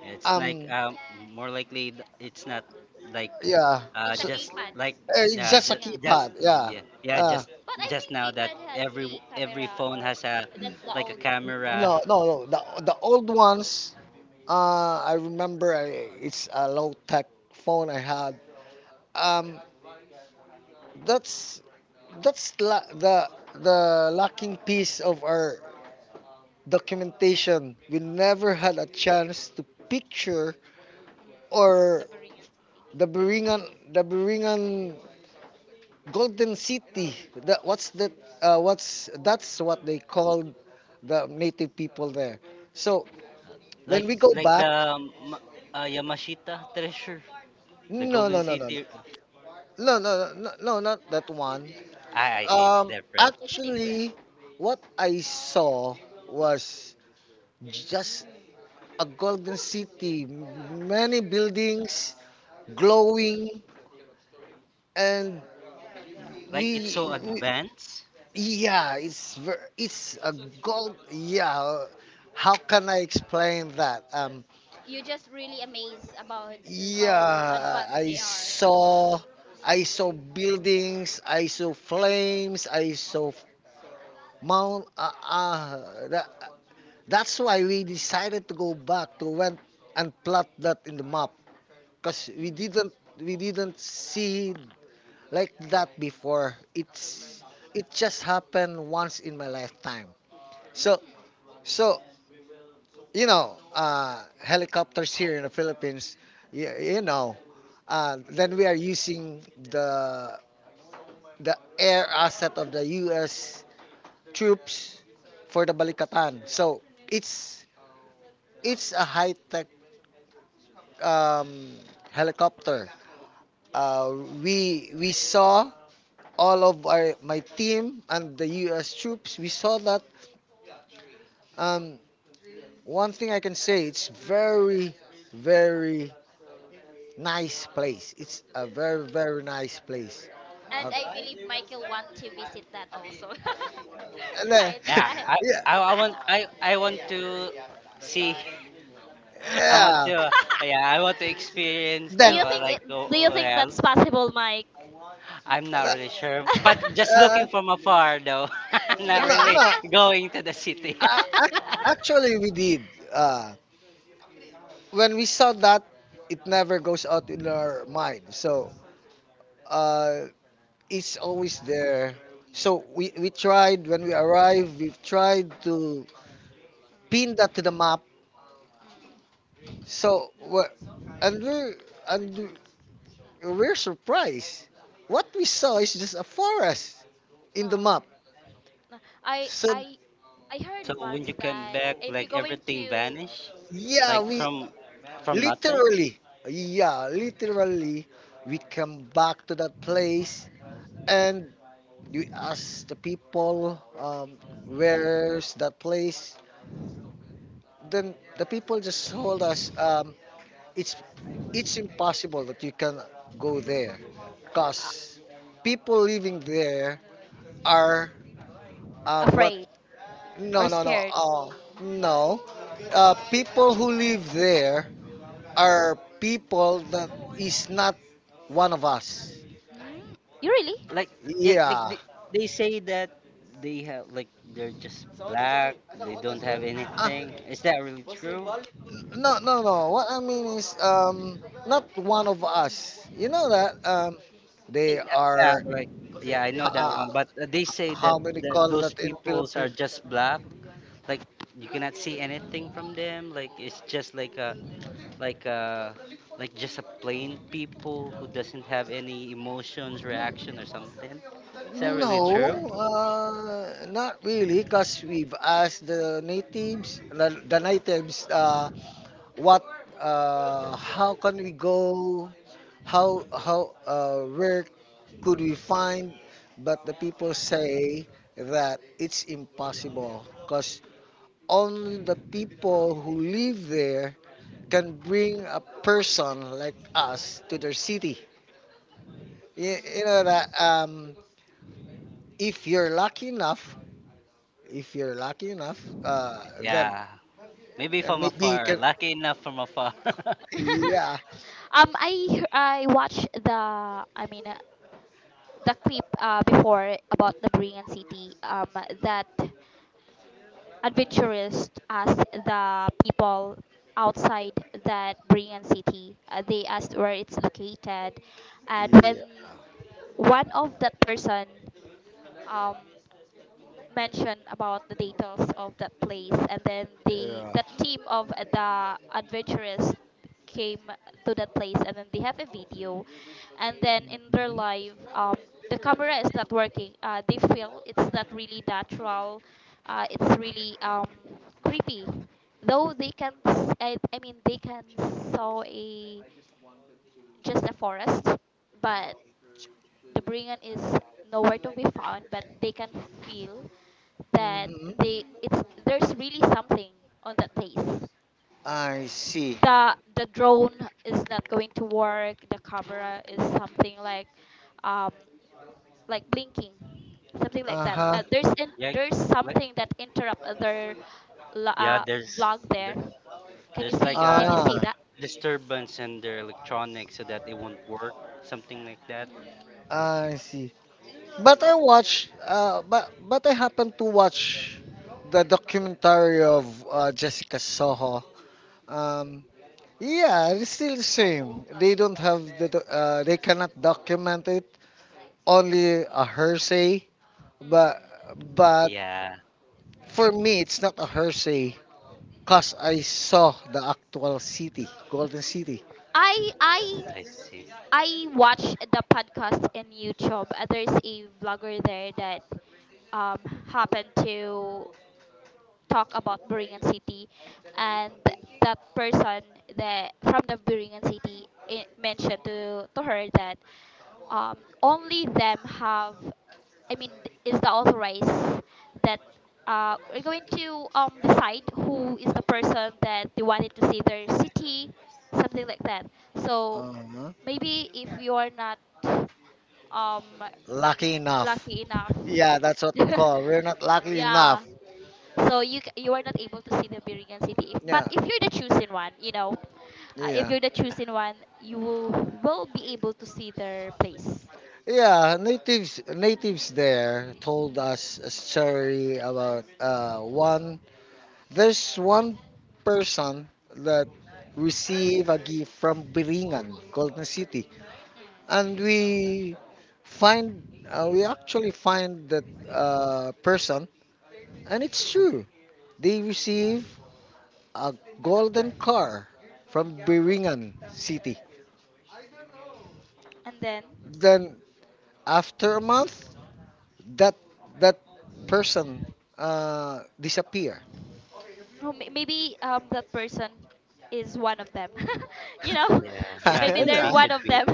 It's like
um
more likely it's not like
yeah
It's a
so,
just
capad.
like
it's just a
Yeah,
just
keypad, yeah.
yeah, yeah,
uh,
but I
just
think
now that
keypad has a
every
camera,
phone
or
has a
that's the
like a
old
camera.
version.
No, no, no. The old ones, I remember. It's a low tech phone I had. Um, that's the lacking piece of our documentation. We never had a chance to picture
Mm, the
or
Berea City.
the Beringan, the Beringan Golden City. That what's that? That's what they called the native people there. So when
like
we go
like
back,
the Yamashita treasure, the
no,
Golden
no, no, no, no.
City.
No, no, no, no, not that one.
I see, it's different.
It's different.
Actually, what I saw was just a golden city, many buildings glowing, and
Like it's so
we
advanced.
Yeah, it's ver- it's a gold. Yeah, how can I explain that?
You just really amazed about how
Yeah,
advanced they are.
I saw buildings, I saw flames, I saw mount. Uh, uh, that, that's why we decided to go back to went and plot that in the map, cause we didn't see like that before.
Mm-hmm.
It just happened once in my lifetime.
Mm.
So
Mm.
so you know, helicopters here in the Philippines, you know, then we are using the the air asset of the U.S. troops for the Balikatan. So it's it's a high tech um, helicopter. Uh, we saw all of our my team and the U.S. troops. We saw that. Um, One thing I can say, it's very nice place. It's a very, very nice place. Uh,
And I believe Michael want to visit that also. *laughs*
le-
Right,
Yeah,
Mike?
I
*laughs* yeah,
I, I want to see. *laughs* I want
yeah.
to, yeah, I want to experience
*laughs* do
Then,
that
you
one,
think
like,
it, do
oh,
you
oh,
think
yeah,
that's possible, Mike?
I'm not
uh,
really sure, but just
uh,
looking from afar though, *laughs*
*laughs*
not
Yeah.
no,
*laughs*
really
no.
going to the city. *laughs*
Uh, ac- Actually, we did. Uh, when we saw that, it never goes out in our mind. So, uh, it's always there. So we tried when we arrived. We've tried to pin
Mm,
that to the map.
mm.
So, and we're and we're surprised. What we saw is just a forest in the
Oh,
map.
no, I
So,
I I heard
So when
once
you came
that
back,
if you're
like
going
everything
to.
vanished,
It,
yeah,
like
we
from nothing.
literally, yeah, literally, we come back to that place and we ask the people, where's that place? Then the people just told us, it's it's impossible that you can go there
uh,
because people living there are what
Afraid or
no no no
scared.
no people who live there are people that is not one of us.
Mm, you really?
Like yeah, like
Yeah.
they say that they have like they're just black. They don't have
uh,
anything. Is that really true?
no no no What I mean is, not one of us, you know, that
I
they
mean, yeah,
are,
like yeah, I know that
uh,
one, but they say that,
how many
that
call
those
that in
peoples are
Philippines.
just black. Like you cannot see anything from them. Like it's just like a like just a plain people who doesn't have any emotions reaction or something. Is that really true?
No, not really, because we've asked the natives, the natives, what, how can we go, where could we find, but the people say that it's impossible, because only the people who live there can bring a person like us to their city. You know that, if you're lucky enough, then
Yeah, maybe from
maybe you
afar,
can.
lucky enough from afar. *laughs*
Mm. *laughs*
Yeah.
um, I I watched the, I mean, the clip before about the Korean city. That adventurous asked the people outside that Korean city. They asked where it's located, and when one of that person um mention about the details of that place, and then the
Yeah.
the team of the adventurers came to that place, and then they have a video, and then in their live, the camera is not working. They feel it's not really natural. It's really creepy, though they can s-, I mean they can saw a just a forest, but the bringan is nowhere to be found, but they can feel that they
Hmm.
it's there's really something on that place.
I see.
The drone is not going to work. The camera is something um like blinking, something like
Uh
that.
uh,
huh.
There's in,
yeah
there's
like,
something that interrupt other lo-
yeah
uh,
there's
vlog there.
there
Can you
there's
see?
like
Did
a
you see
Ah,
that?
disturbance in their electronics so that it won't work something like that.
Mm,
I see. But I watch. But I happen to watch the documentary of Jessica Soho. Um, yeah, it's still the same. They don't have the. Do- They cannot document it. Only a hearsay. But
mm.
but
Yeah,
for me, it's not a Hershey because I saw the actual city, Golden City.
I I
I see.
I watch the podcast in YouTube. There's a vlogger there that um happened to talk about Buringan City, and that person that from the Buringan City I mentioned to her that only them have, I mean, is the authorized that we're going to decide who is the person that they wanted to see their city, something like that. So
Uh-huh.
maybe if you are not um,
Lucky enough.
lucky enough,
Yeah, that's what we
*laughs*
call. We're not lucky
yeah,
enough.
so you are not able to see the Birigan City. If, but
Yeah,
if you're the chosen one, if
yeah,
you're the
Yeah,
chosen one, you will be able to see their place.
yeah. Natives, natives there told
Mm.
us a story about one. There's one person that receive a gift from Biringan, Golden City,
Mm.
and we actually find that person. And it's true. They receive a golden car from Biringan City.
And then,
Then after a month, that that person disappear. *laughs*
oh, maybe that person is one of them. *laughs* you know,
yeah,
*laughs*
yeah,
maybe
could
Ano?
they're
be,
one
could
of
be.
them.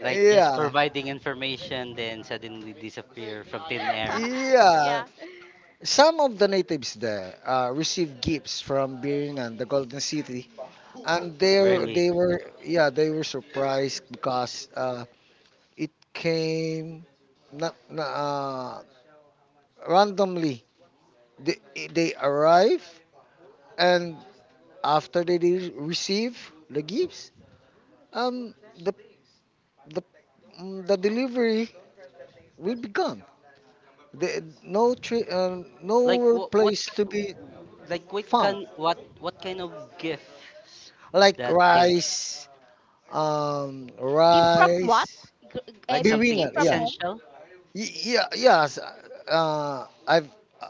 Like just
Yeah,
providing information then suddenly disappear from thin air.
*laughs*
yeah.
Yeah.
Some of the natives there received gifts from Biringan, the golden city, and
Really?
they were, yeah, they were surprised because it came not randomly. they, they arrive, and after they receive the gifts, um the the the delivery will be gone, the, no tri-
Like
no
what?
place to be
Like what can?
found.
What kind of gifts
Like
that they,
rice.
Gift from what?
Rice.
G- I
like
mean,
something
gift
Biringan,
from
yeah.
home?
essential?
Yeah, yes. I've uh,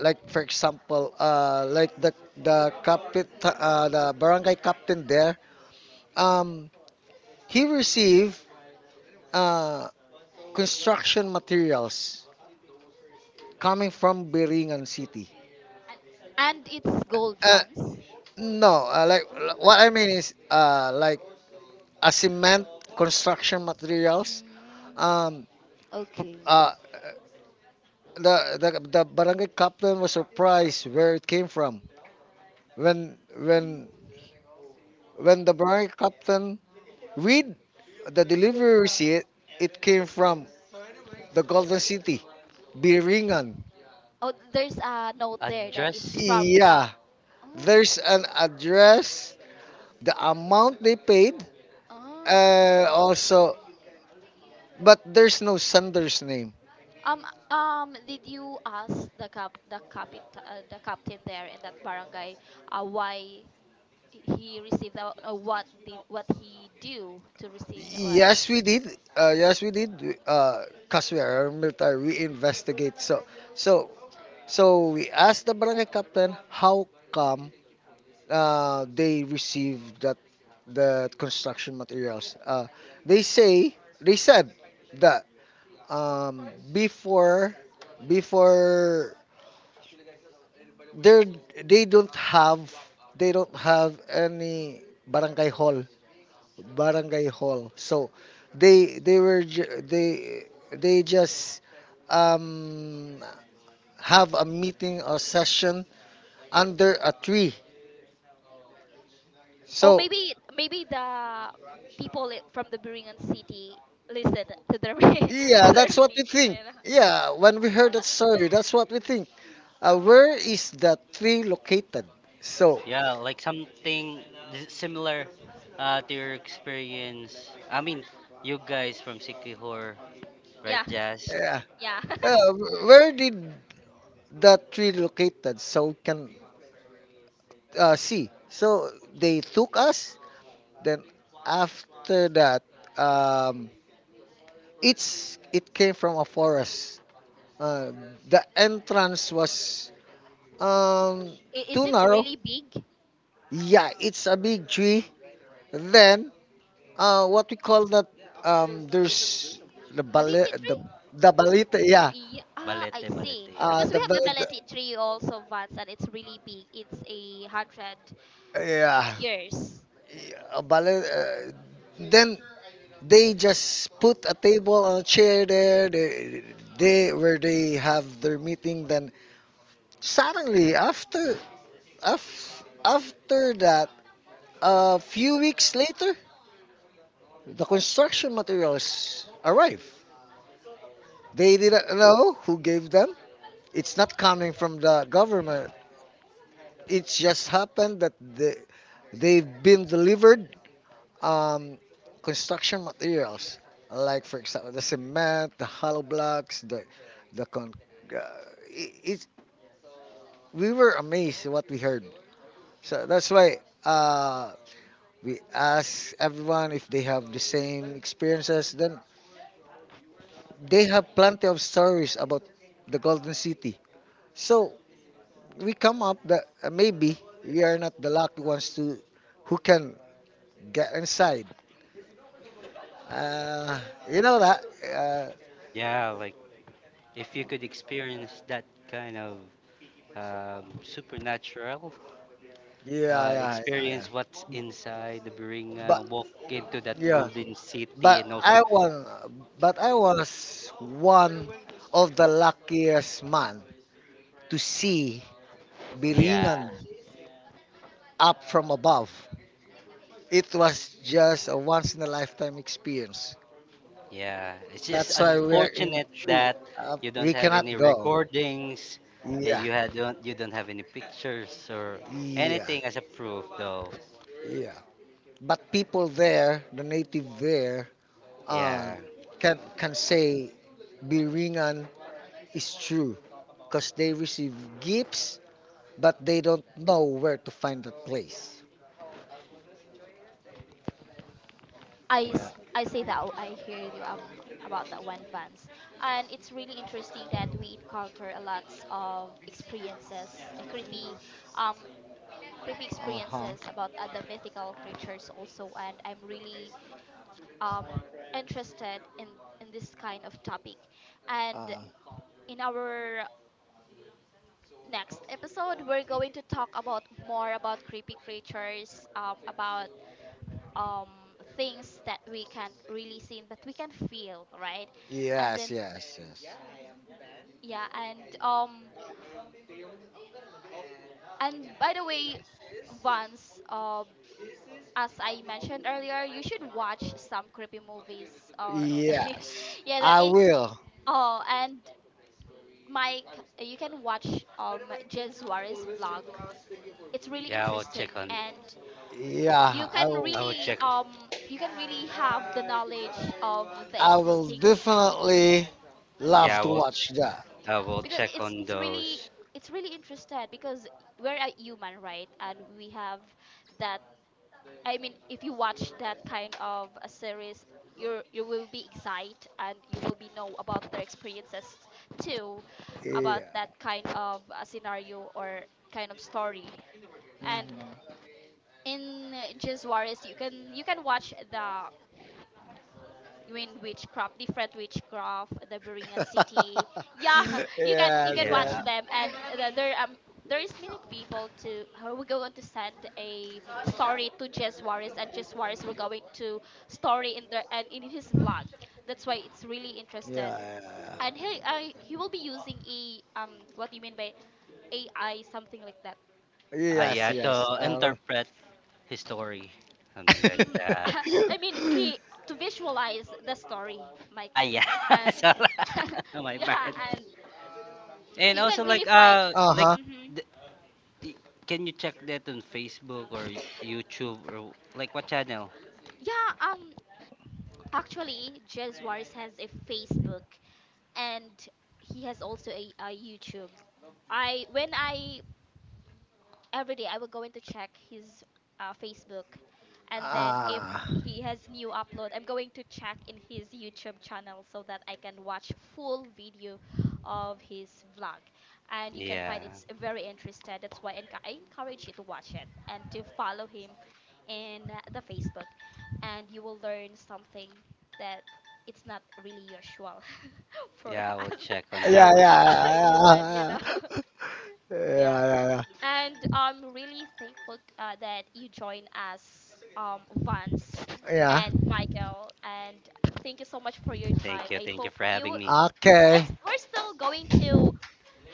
like for example, the captain, the barangay captain there, um he received uh, construction materials coming from Biringan City.
And it's gold
Uh,
funds.
no, like
Oh.
what I mean is, like a cement, construction materials.
Mm.
Um,
Okay.
uh, the barangay captain was surprised where it came from when when
Mm.
when the barangay captain read the delivery receipt. It came from the Golden City, Biringan.
Oh, there's a note
A
there that it's
dress?
from the.
Yeah,
Mm,
there's an address, the amount they paid,
oh.
also, but there's no sender's name.
Um. Did you ask the captain there in that barangay, why he received that, or what he do to receive that one?
Yes, we did. Yes, we did, because we are military, we investigate. So so we asked the barangay captain how come they received that, the construction materials. They say, they said that, um, before before they're they don't have, any barangay hall, so they were ju- they just um have a meeting or session under a tree.
Or
So
maybe the people, from the Biringan city, listen to their *laughs* to
yeah,
their
that's what we
meeting.
think.
You know?
Yeah, when we heard that
*laughs*
story, that's what we think. Where
Oh.
is the tree located. So
Yeah, like something similar to your experience. I mean, you guys from Sikihor, right,
Yeah.
Jazz?
yeah,
Yeah. *laughs*
uh, where did that we located, so we can see. So they took us. Then after that, um, it came from a forest. Uh, the entrance was um,
Is
too
it
narrow.
really big?
Yeah, it's a big tree. Then what we call that? There's the bali-
Baliti
the
tree?
the balita. Yeah,
Yeah, ah, I
Balete,
see.
balete, yeah.
Because we
the,
have a
ba- the
balete tree also once, and it's really big. It's a hundred
yeah.
years.
Yeah, but then they just put a table and a chair there. They
Mm.
where they have their meeting. Then suddenly af, after that, a few weeks later, the construction materials arrive. They didn't know who gave them. It's not coming from the government. It just happened that they've been delivered um, construction materials, like for example the cement, the hollow blocks, the con. Uh, it, it, we were amazed what we heard. So that's why uh, we asked everyone if they have the same experiences. Then they have plenty of stories about the Golden City. So we come up that maybe we are not the lucky ones to who can get inside. Uh, you know that.
Yeah, like if you could experience that kind of supernatural
Yeah, yeah, yeah, yeah.
experience what's inside the
But
Biringa, walk into that
yeah,
golden city,
but
and also,
I was but I was one of the luckiest man to see
yeah,
Biringan up from above. It was just a once in a lifetime experience.
yeah. It's just
That's why we are in
unfortunate
Chi-
that you don't
We
have
cannot
any
go.
recordings, yeah,
Yeah,
you had don't you don't have any pictures or
yeah,
anything as a proof, though.
yeah. But people there, the native there, uh,
Yeah,
can say Biringan is true because they receive gifts but they don't know where to find that place.
I,
yeah,
s- I say that, I hear you about that one, Vance, and it's really interesting that we encounter a lot of experiences, um, creepy
Uh huh.
experiences about the mythical creatures also, and I'm really um interested in this kind of topic, and
Uh,
in our next episode we're going to talk about more about creepy creatures, about things that we can't really see but we can feel, right? And
yes,
then,
yes, yes.
yeah. And by the way, Vance, as I mentioned earlier, you should watch some creepy movies, or
Yes,
*laughs* yeah, that
I
it.
will.
Oh, and Mike, you can watch Jez Suarez vlog. It's really
yeah. I will check
interesting,
on.
and you
Yeah, I
can
will.
I will
really
check.
have the knowledge of the
I will
existing.
definitely love
Yeah, I
to
will.
watch
Hmm.
that.
I will
Because
check
it's
on
it's really
those.
it's really interested, because we're a human, right? And we have that. I mean, if you watch that kind of a series, you will be excited, and you will be know about their experiences too, about that kind of a scenario or kind
Yeah.
of story. And in Jizz Warriors you can watch the. You mean witchcraft, different witchcraft, the Berean city. Yeah,
*laughs*
*laughs* you can
Yes,
watch
yes.
Yeah,
them, and there, there is many people to who we're going to send a story to Jess Juarez, and Jess Juarez we're going to story in the and in his vlog. That's why it's really interested,
Yeah, yeah,
and
yeah.
he will be using a what do you mean by AI, something like that.
Yes,
yeah.
yes.
To interpret history, something like
Hmm.
that.
*laughs* I mean,
*laughs*
he, to visualize the story, Mike,
Ah, yeah. *laughs*
and
Sorry.
*laughs*
*laughs* My
yeah,
bad.
and.
And
You
also
can really
like
find.
Uh-huh.
Hmm.
the, y- can you check that on Facebook or YouTube or like what channel?
Yeah. Actually, Jez Juarez has a Facebook, and he has also a YouTube. I when I Every day I will go in to check his Facebook, and then if
Ah.
he has new upload, I'm going to check in his YouTube channel so that I can watch full video of his vlog. And you can
Yeah.
find it's very interesting. That's why I encourage you to watch it and to follow him in the Facebook, and you will learn something that it's not really usual *laughs* for
Yeah, I will
us
check on that
Yeah,
*laughs*
one.
yeah,
people human you
yeah, yeah,
know *laughs* Yeah.
yeah, yeah,
And I'm really thankful, that you joined us, Vance
yeah.
and
Yeah.
Michael. And
Yeah.
thank you so much for your time.
Thank you.
I
Thank you
hope
for
you.
having me.
I'm,
Okay.
we're still going to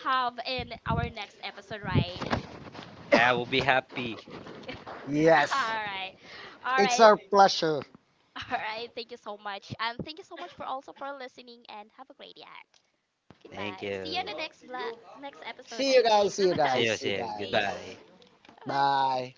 have in our next episode, right?
Yeah, I will be happy.
Yes.
*laughs* All right, all
It's
right,
our pleasure.
all right. Thank you so much, and thank you so much for also for listening. And have a great day.
Thank
Goodbye.
you.
See you in the next next episode.
See you
I mean,
guys.
*laughs* bye
See you
bye.
See
guys.
you,
See you
see you.
guys.
See you.
Goodbye.
Bye bye.
Bye.